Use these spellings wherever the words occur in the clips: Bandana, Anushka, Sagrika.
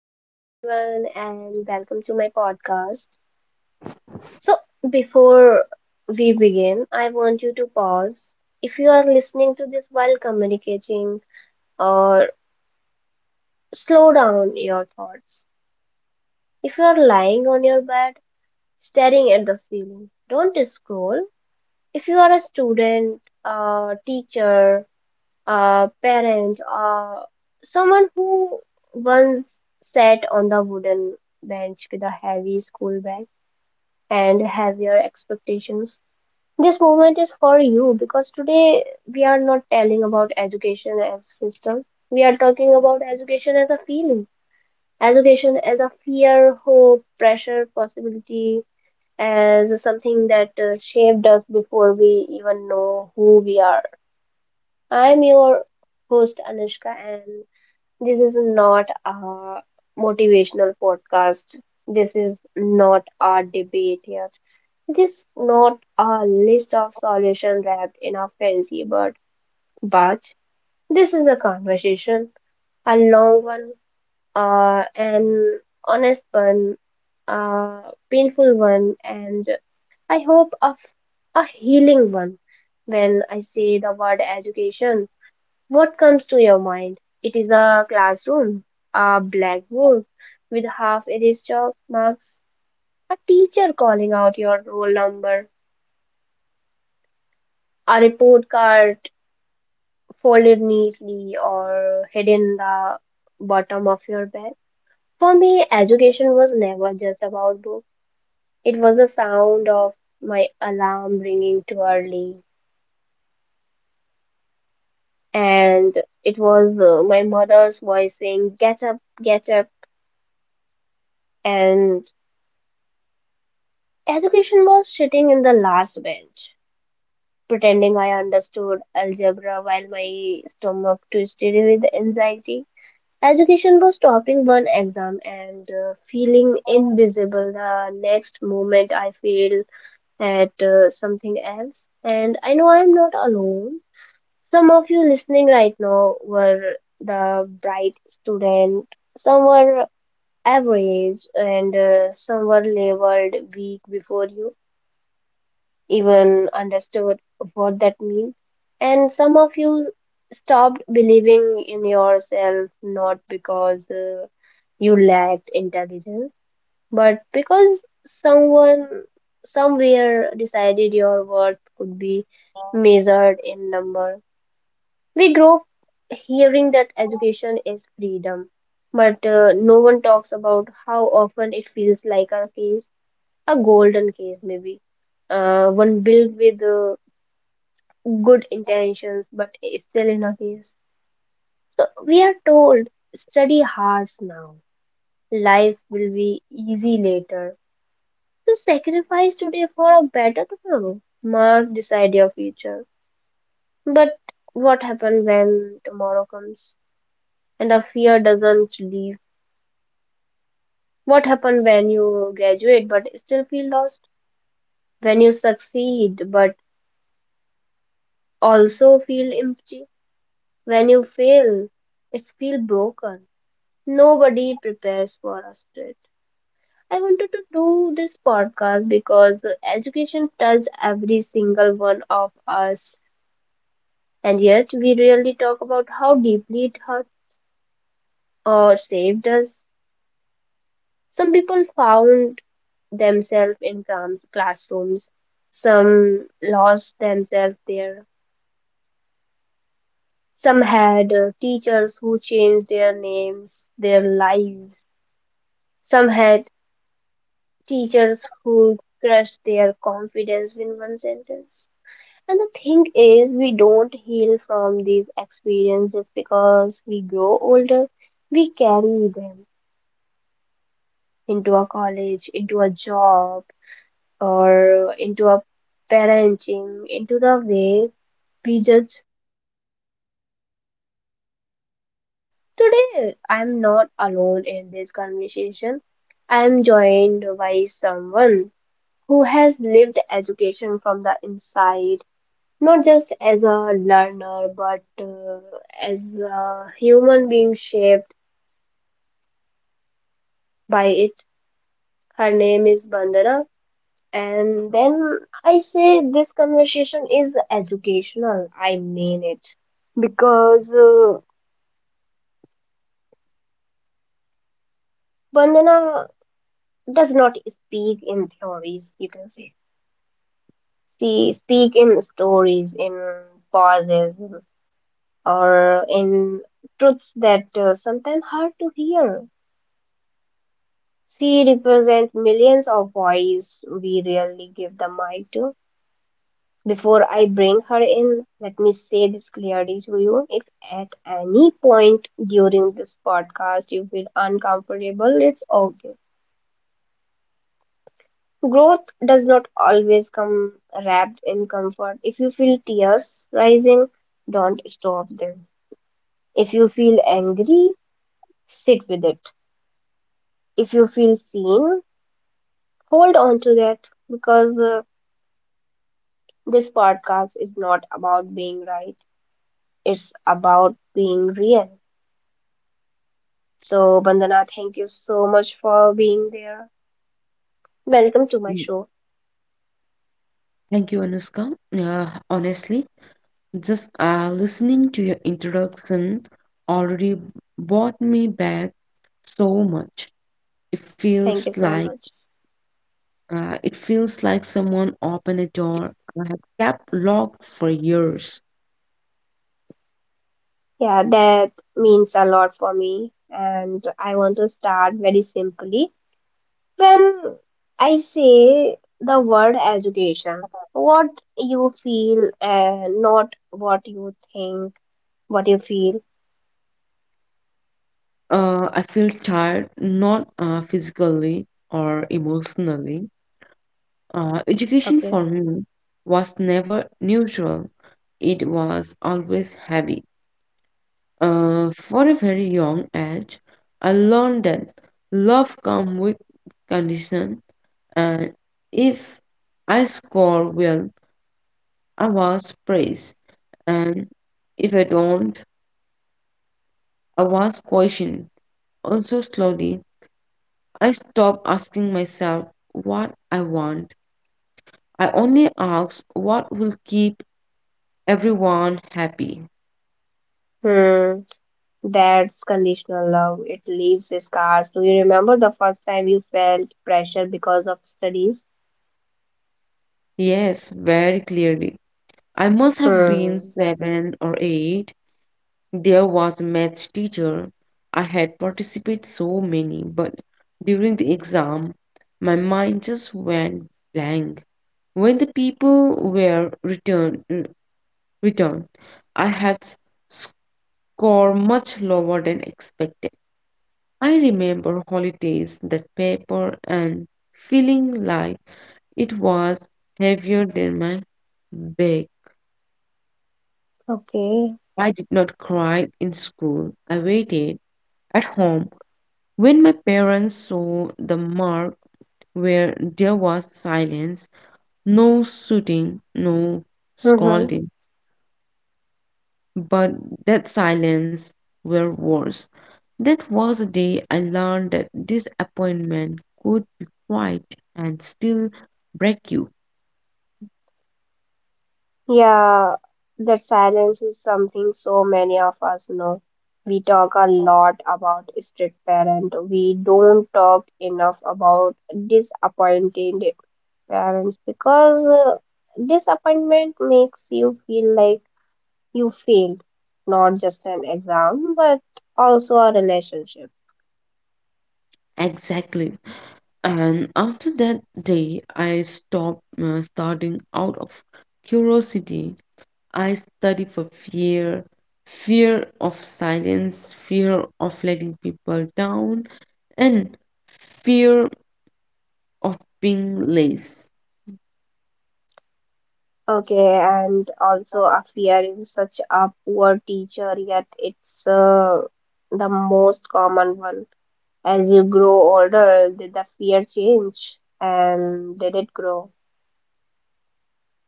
Hello, everyone, and welcome to my podcast. So, before we begin, I want you to pause. If you are listening to this while communicating, or slow down your thoughts. If you are lying on your bed, staring at the ceiling, don't scroll. If you are a student, a teacher, a parent, or someone who once sat on the wooden bench with a heavy school bag, and have your expectations. This movement is for you because today we are not telling about education as system. We are talking about education as a feeling, education as a fear, hope, pressure, possibility, as something that shaped us before we even know who we are. I'm your host Anushka, and this is not a motivational podcast. This is not a debate here it is not a list of solutions wrapped in a fancy word, but this is a conversation, a long one, an honest one, a painful one, and I hope a healing one. When I say the word education, what comes to your mind? It is a classroom, a blackboard with half erased chalk marks, a teacher calling out your roll number, a report card folded neatly or hid in the bottom of your bag. For me, education was never just about books. It was the sound of my alarm ringing too early, and it was my mother's voice saying, "Get up, get up." And education was sitting in the last bench, pretending I understood algebra while my stomach twisted with anxiety. Education was topping one exam and feeling invisible the next moment I failed at something else. And I know I'm not alone. Some of you listening right now were the bright student, some were average, and some were labeled weak before you even understood what that means. And some of you stopped believing in yourself not because you lacked intelligence, but because someone somewhere decided your worth could be measured in number. We grow up hearing that education is freedom, but no one talks about how often it feels like a case, a golden case maybe one built with good intentions, but still in a case. So we are told, study hard now. Life will be easy later. So sacrifice today for a better tomorrow. Mark decide your future. But what happens when tomorrow comes and the fear doesn't leave? What happens when you graduate but still feel lost? When you succeed but also feel empty? When you fail, it feel broken. Nobody prepares for us for it. I wanted to do this podcast because education touched every single one of us, and yet we rarely talk about how deeply it hurt or saved us. Some people found themselves in classrooms, some lost themselves there, some had teachers who changed their names, their lives, some had teachers who crushed their confidence in one sentence. And the thing is, we don't heal from these experiences because we grow older, we carry them into a college, into a job, or into a parenting, into the way we judge. Today, I'm not alone in this conversation. I'm joined by someone who has lived education from the inside not just as a learner, but as a human being shaped by it. Her name is Bandana. And then I say this conversation is educational. I mean it. Because Bandana does not speak in theories, you can say. She speak in stories, in pauses, or in truths that sometimes hard to hear. She represents millions of voices we rarely give the mic to. Before I bring her in, let me say this clearly to you. If at any point during this podcast you feel uncomfortable, it's okay. Growth does not always come wrapped in comfort. If you feel tears rising, don't stop them. If you feel angry, sit with it. If you feel seen, hold on to that because this podcast is not about being right, it's about being real. So, Bandana, thank you so much for being there. Welcome to my Mm, show. Thank you, Anushka. Honestly, just listening to your introduction already brought me back so much. It Thank feels you so like much. Someone opened a door I have kept locked for years. Yeah, that means a lot for me, and I want to start very simply. When I say the word education, what you feel and not what you think, what you feel. I feel tired, not physically or emotionally. Education Okay. for me was never neutral. It was always heavy. For a very young age, I learned that love comes with condition, and if I score well, I was praised, and if I don't, I was questioned. Also, slowly, I stopped asking myself what I want. I only ask what will keep everyone happy. Hmm. That's conditional love. It leaves scars. Do you remember the first time you felt pressure because of studies? Yes, very clearly. I must have been Hmm. seven or eight. There was a maths teacher. I had participated so many, but during the exam, my mind just went blank. When the people were returned, I had s- score much lower than expected. I remember holidays, that paper, and feeling like it was heavier than my bag. Okay. I did not cry in school. I waited at home. When my parents saw the mark, where there was silence, no shooting, no Mm-hmm. scolding, but that silence were worse. That was a day I learned that disappointment could be quiet and still break you. Yeah, that silence is something so many of us know. We talk a lot about strict parent. We don't talk enough about disappointed parents because disappointment makes you feel like you failed not just an exam but also a relationship. Exactly. And after that day, I stopped starting out of curiosity. I study for fear, fear of silence, fear of letting people down, and fear of being late. Okay, and also a fear is such a poor teacher yet it's the most common one. As you grow older did the fear change and did it grow?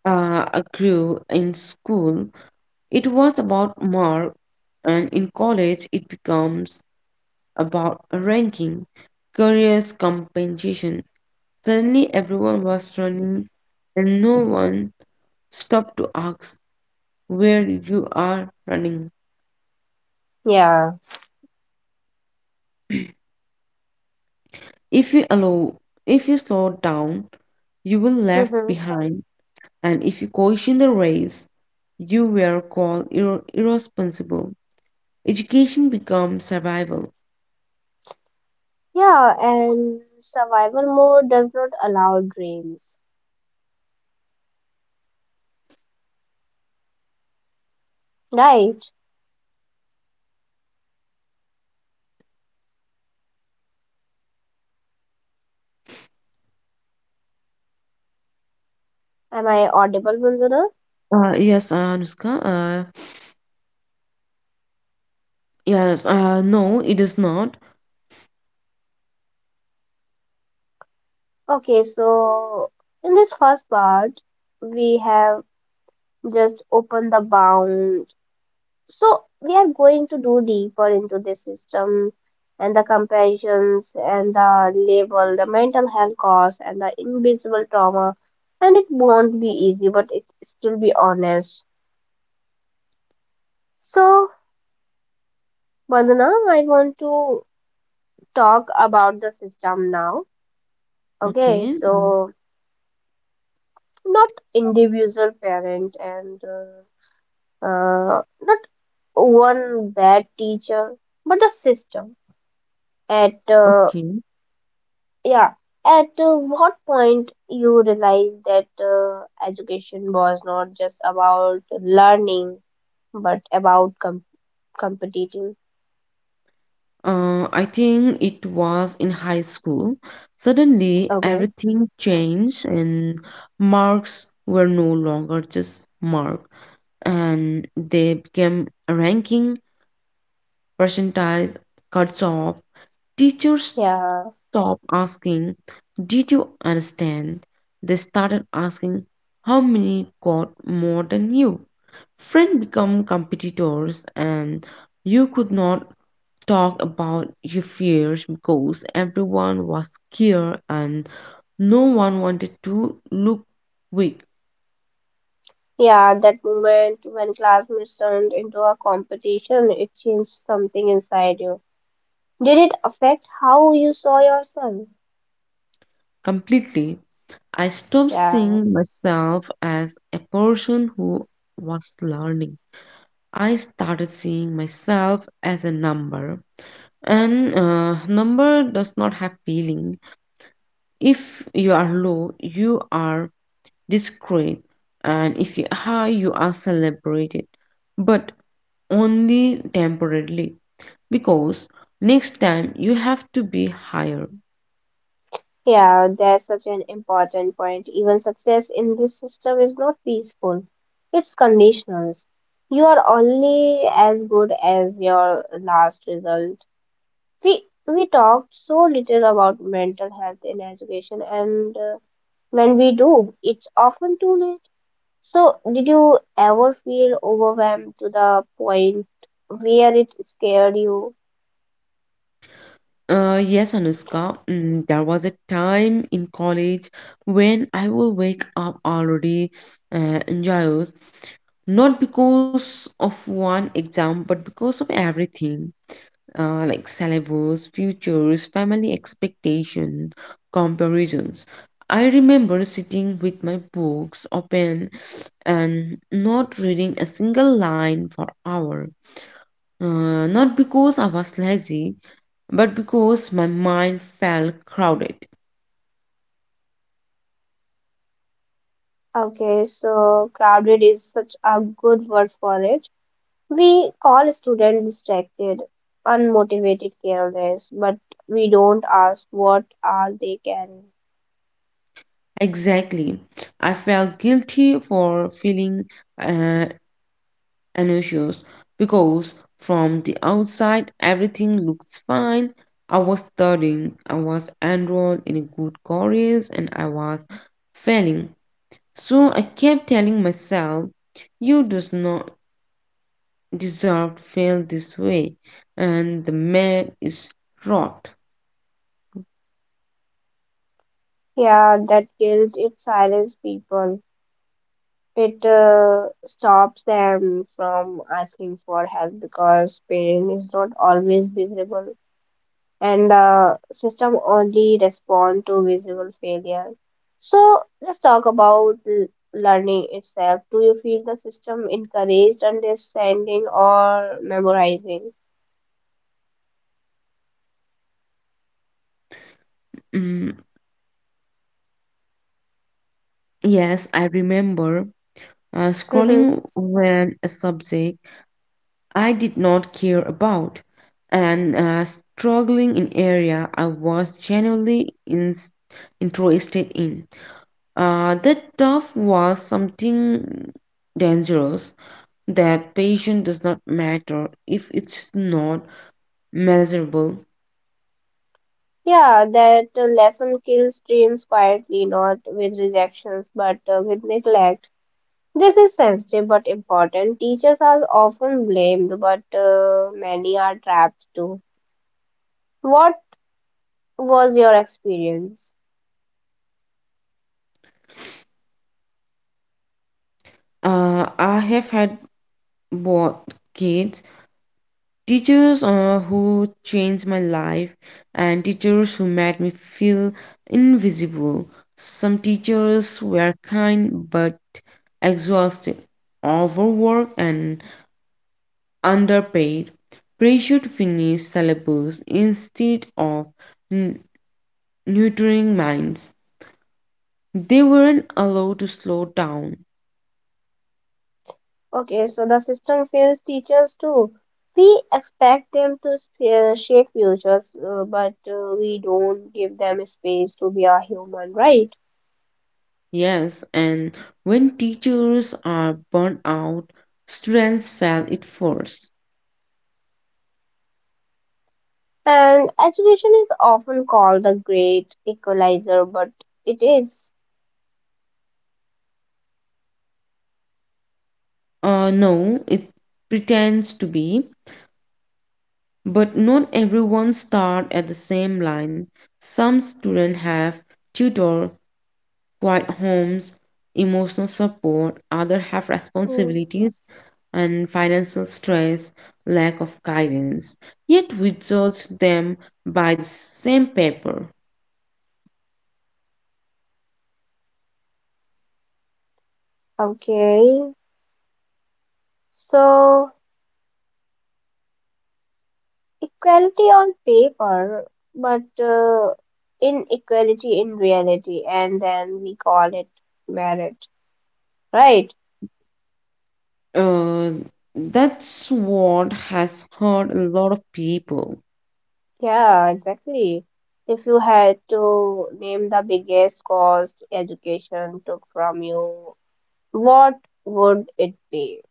I grew in school, it was about mark, and in college, it becomes about ranking, careers, compensation. Suddenly, everyone was running, and no one stopped to ask where you are running. Yeah. If you allow, if you slow down, you will left Mm-hmm. behind, and if you caution the race, you were called irresponsible. Education becomes survival. Yeah, and survival mode does not allow dreams, right? Am I audible, Manzana? Yes, Anushka. Yes, no, it is not. Okay, so in this first part we have just open the bound. So we are going to do deeper into the system and the comparisons and the label, the mental health cause and the invisible trauma. And it won't be easy, but it still be honest. So Vandana, I want to talk about the system now. Okay, Okay, so not individual parent and not one bad teacher, but the system at okay. Yeah. At what point you realized that education was not just about learning, but about competing? I think it was in high school. Suddenly, Okay. everything changed, and marks were no longer just mark, and they became ranking, percentiles, cuts off. Teachers Yeah. stopped asking, "Did you understand?" They started asking, "How many got more than you?" Friends become competitors, and you could not talk about your fears because everyone was scared and no one wanted to look weak. Yeah, that moment when classmates turned into a competition, it changed something inside you. Did it affect how you saw yourself? Completely. I stopped Yeah. seeing myself as a person who was learning. I started seeing myself as a number. And number does not have feeling. If you are low, you are discreet, and if you are high, you are celebrated. But only temporarily because next time you have to be higher. Yeah, that's such an important point. Even success in this system is not peaceful. It's conditional. You are only as good as your last result. We talk so little about mental health in education, and when we do, it's often too late. So, did you ever feel overwhelmed to the point where it scared you? Yes, Anushka, there was a time in college when I will wake up already anxious, not because of one exam, but because of everything. Like syllabus, futures, family expectation, comparisons. I remember sitting with my books open and not reading a single line for hour. Not because I was lazy, but because my mind felt crowded. Okay, so crowded is such a good word for it. We call students distracted, unmotivated, careless, but we don't ask what are they carrying. Exactly. I felt guilty for feeling uh, anxious because from the outside everything looks fine. I was studying, I was enrolled in a good course, and I was failing. So I kept telling myself, you does not deserve to fail this way, and the man is rot. Yeah, that guilt it silences people. It stops them from asking for help because pain is not always visible. And system only respond to visible failure. So let's talk about learning itself. Do you feel the system encouraged understanding or memorizing? Mm, yes, I remember Mhm. scrolling when a subject I did not care about and struggling in area I was interested in. That tough was something dangerous. That patient does not matter if it's not measurable. Yeah, that lesson kills dreams quietly, not with rejections but with neglect. This is sensitive but important. Teachers are often blamed, but many are trapped too. What was your experience? I have had both kids. Teachers who changed my life and teachers who made me feel invisible. Some teachers were kind but exhausted, overworked, and underpaid. Pressure to finish syllabus instead of n- nurturing minds. They weren't allowed to slow down. Okay, so the system fails teachers too. We expect them to shape futures, but we don't give them space to be a human, right? Yes, and when teachers are burnt out, students felt it first. And education is often called the great equalizer, but it is. No, it pretends to be, but not everyone start at the same line. Some students have tutor, quiet homes, emotional support, other have Mm, responsibilities and financial stress, lack of guidance. Yet we judge them by the same paper. okay, so equality on paper, but inequality in reality, and then we call it merit, right? Uh, that's what has hurt a lot of people. Yeah, exactly. If you had to name the biggest cost education took from you, what would it be?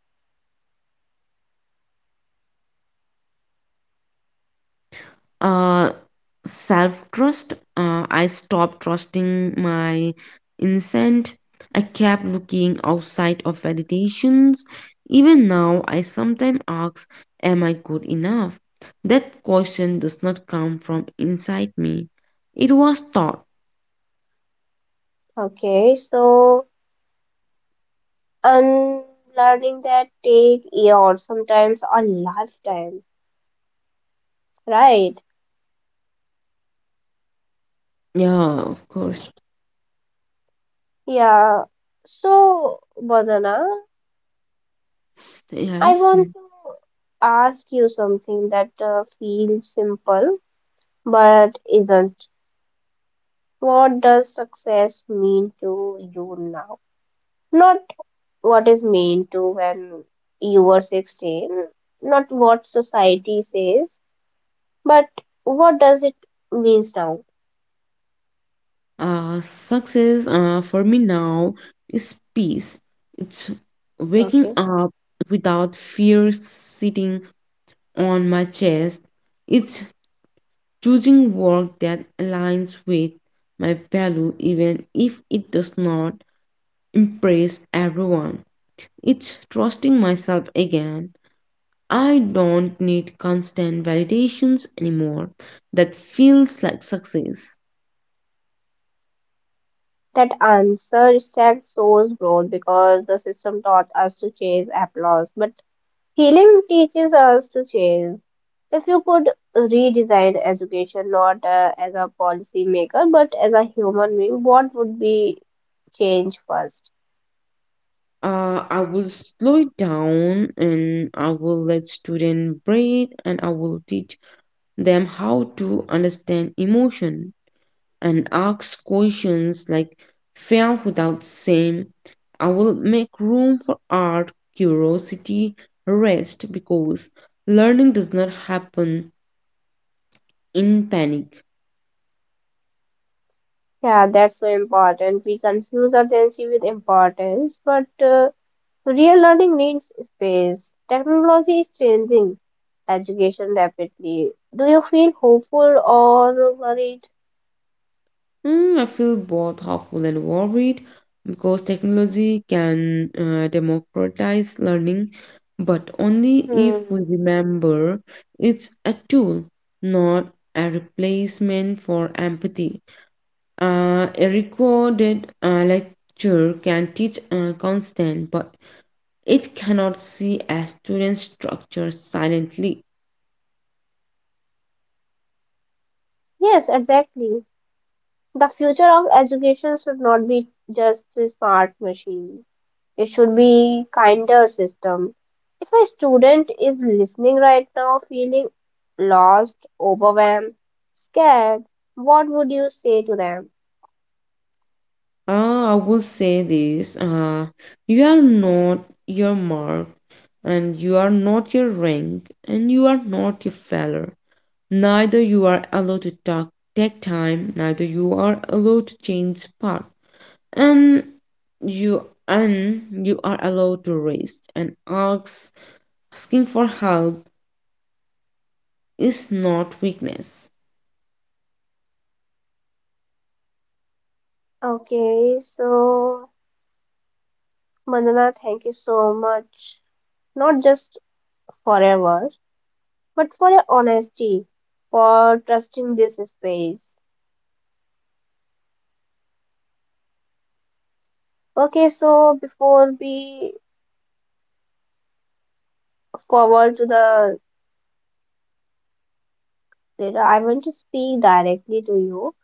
Uh, self trust. I stopped trusting my instinct. I kept looking outside of validations. Even now, I sometimes ask, am I good enough? That question does not come from inside me. It was taught. Okay, so unlearning that take years, sometimes a lifetime, right? Yeah, of course. Yeah. So, Badana, I Yes. want Mm. to ask you something that feels simple but isn't. What does success mean to you now? Not what is mean to when you were 16, not what society says but what does it means now. Success for me now is peace. It's waking Okay, up without fear, sitting on my chest. It's choosing work that aligns with my value even if it does not impress everyone. It's trusting myself again. I don't need constant validations anymore. That feels like success. that answer itself shows growth because the system taught us to chase applause but healing teaches us to chase. If you could redesign education not as a policy maker but as a human being what would be change first? I will slow it down and I will let students breathe and I will teach them how to understand emotion and ask questions like fear without same. I will make room for art, curiosity, rest because learning does not happen in panic. Yeah, that's so important. We confuse urgency with importance, but real learning needs space. Technology is changing education rapidly. Do you feel hopeful or worried? Mm, I feel both hopeful and worried because technology can democratize learning, but only if Hmm. we remember it's a tool, not a replacement for empathy. A recorded lecture can teach constant, but it cannot see a student's structure silently. Yes, exactly. The future of education should not be just a smart machine. It should be kinder system. If a student is listening right now feeling lost, overwhelmed, scared, what would you say to them? I will say this: you are not your mark, and you are not your rank, and you are not your failure. Neither you are allowed to talk, take time, neither you are allowed to change path. And you are allowed to rest and ask. Asking for help is not weakness. Okay, so Mandana, thank you so much. Not just for forever, but for your honesty, for trusting this space. Okay, so before we forward to the data, I want to speak directly to you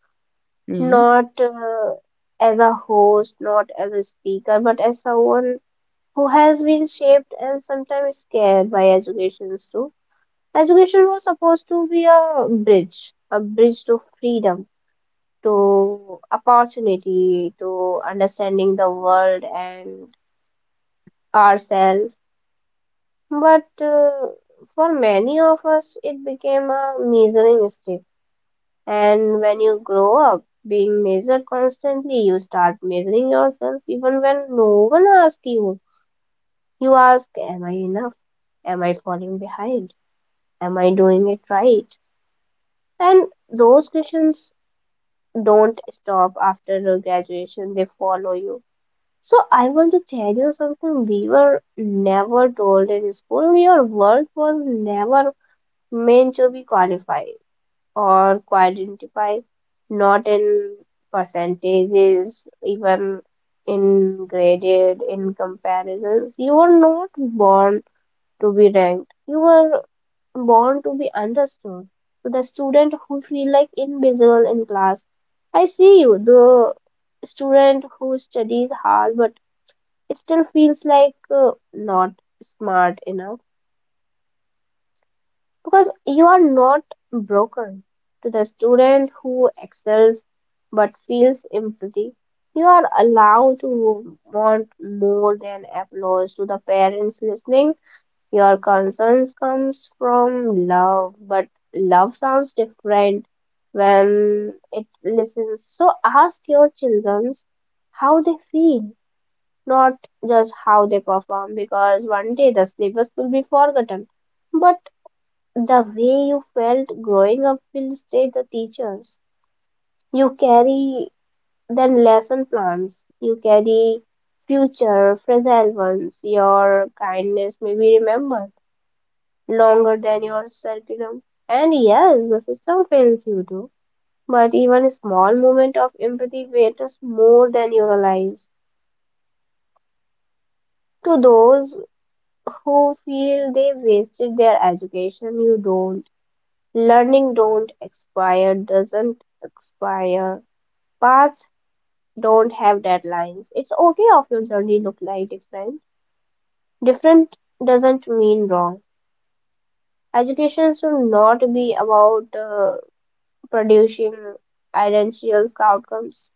Yes. not as a host, not as a speaker, but as someone who has been shaped and sometimes scared by educations too. Education was supposed to be a bridge to freedom, to opportunity, to understanding the world and ourselves. But for many of us, it became a measuring stick. And when you grow up being measured constantly, you start measuring yourself even when no one asks you. You ask, "Am I enough? Am I falling behind? Am I doing it right?" And those questions don't stop after the graduation, they follow you. So, I want to tell you something we were never told in school. Your worth was never meant to be qualified or quantify, not in percentages, even in graded, in comparisons. You were not born to be ranked. You were born to be understood. To the student who feel like invisible in class, I see you. The student who studies hard but still feels like not smart enough. Because you are not broken. To the student who excels but feels empty. You are allowed to want more than applause. To the parents listening, your concerns comes from love, but love sounds different when it listens. So ask your children how they feel, not just how they perform, because one day the syllabus will be forgotten. But the way you felt growing up will stay. The teachers, you carry the lesson plans. You carry future fragile ones. Your kindness may be remembered longer than your curriculum. And yes, the system fails you too. But even a small moment of empathy matters more than you realize. To those who feel they wasted their education, you don't. Learning don't expire, doesn't expire. Paths don't have deadlines. It's okay if your journey look like different. Different doesn't mean wrong. Education should not be about producing identical outcomes.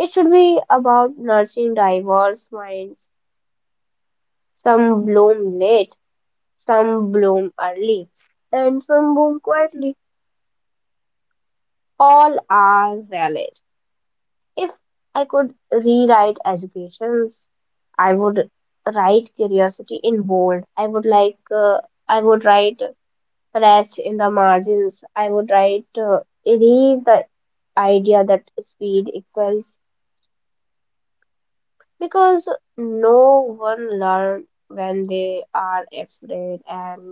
It should be about nurturing diverse minds. Some bloom late, some bloom early, and some bloom quietly. All are valid. If I could rewrite educations, I would write curiosity in bold. I would write rest in the margins. I would write, erase the idea that speed equals, because no one learn when they are afraid. And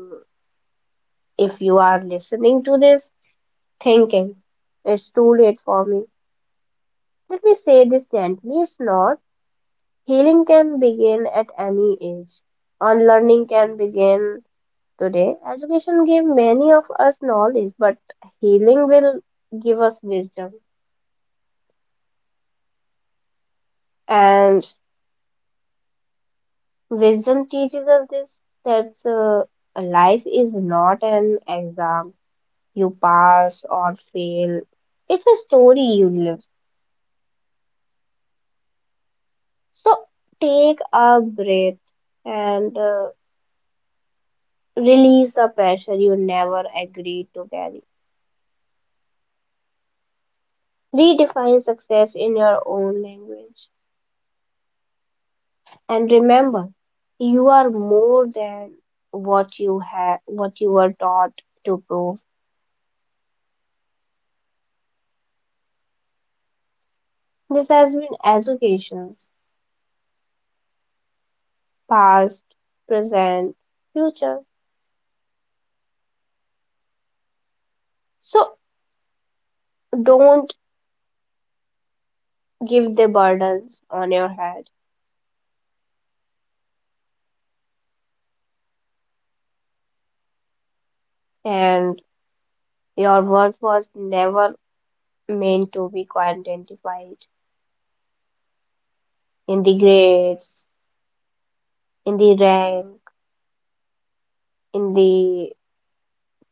if you are listening to this, thinking it's too late for me, let me say this gently. It's not. Healing can begin at any age. Unlearning can begin today. Education gave many of us knowledge, but healing will give us wisdom. And wisdom teaches us this, that life is not an exam you pass or fail, it's a story you live. So take a breath and release the pressure you never agreed to carry. Redefine success in your own language. And remember, you are more than what you were taught to prove. This has been educations, past, present, future. So don't give the burdens on your head. And your worth was never meant to be quantified in the grades, in the rank, in the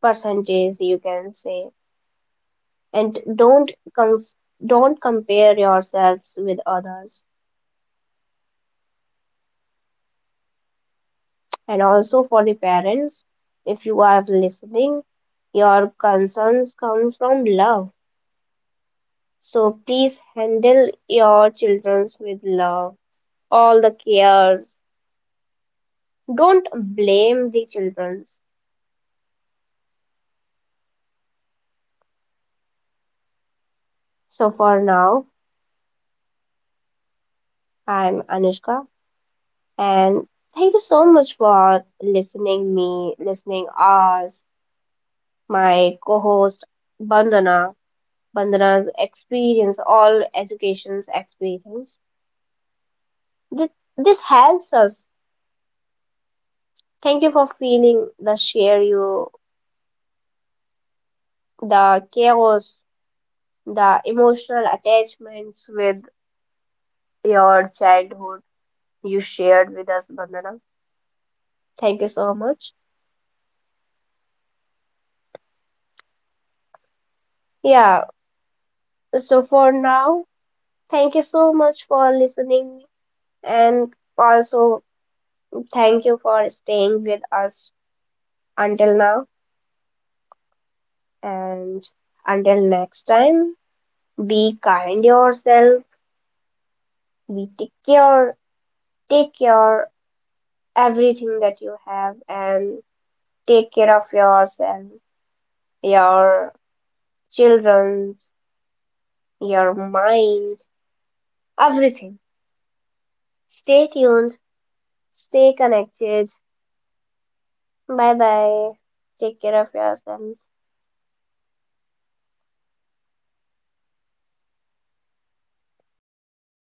percentage you can say. And don't compare yourselves with others. And also for the parents, if you are listening, your concerns comes from love, so please handle your children with love, all the cares. Don't blame the children. So for now, I'm Anushka, and thank you so much for listening us, my co-host Bandana. Bandana's experience, all education's experience. This this helps us. Thank you for feeling the share you, the chaos, the emotional attachments with your childhood you shared with us, Bandana. Thank you Thank you. so much. Thank you, Anuskam. Yeah. So for now, thank you so much for listening, and also thank you for staying with us until now, and until next time. Be kind yourself. Be take care. Take care everything that you have, and take care of yourself, your children's, your mind, everything. Stay tuned. Stay connected. Bye bye. Take care of yourself.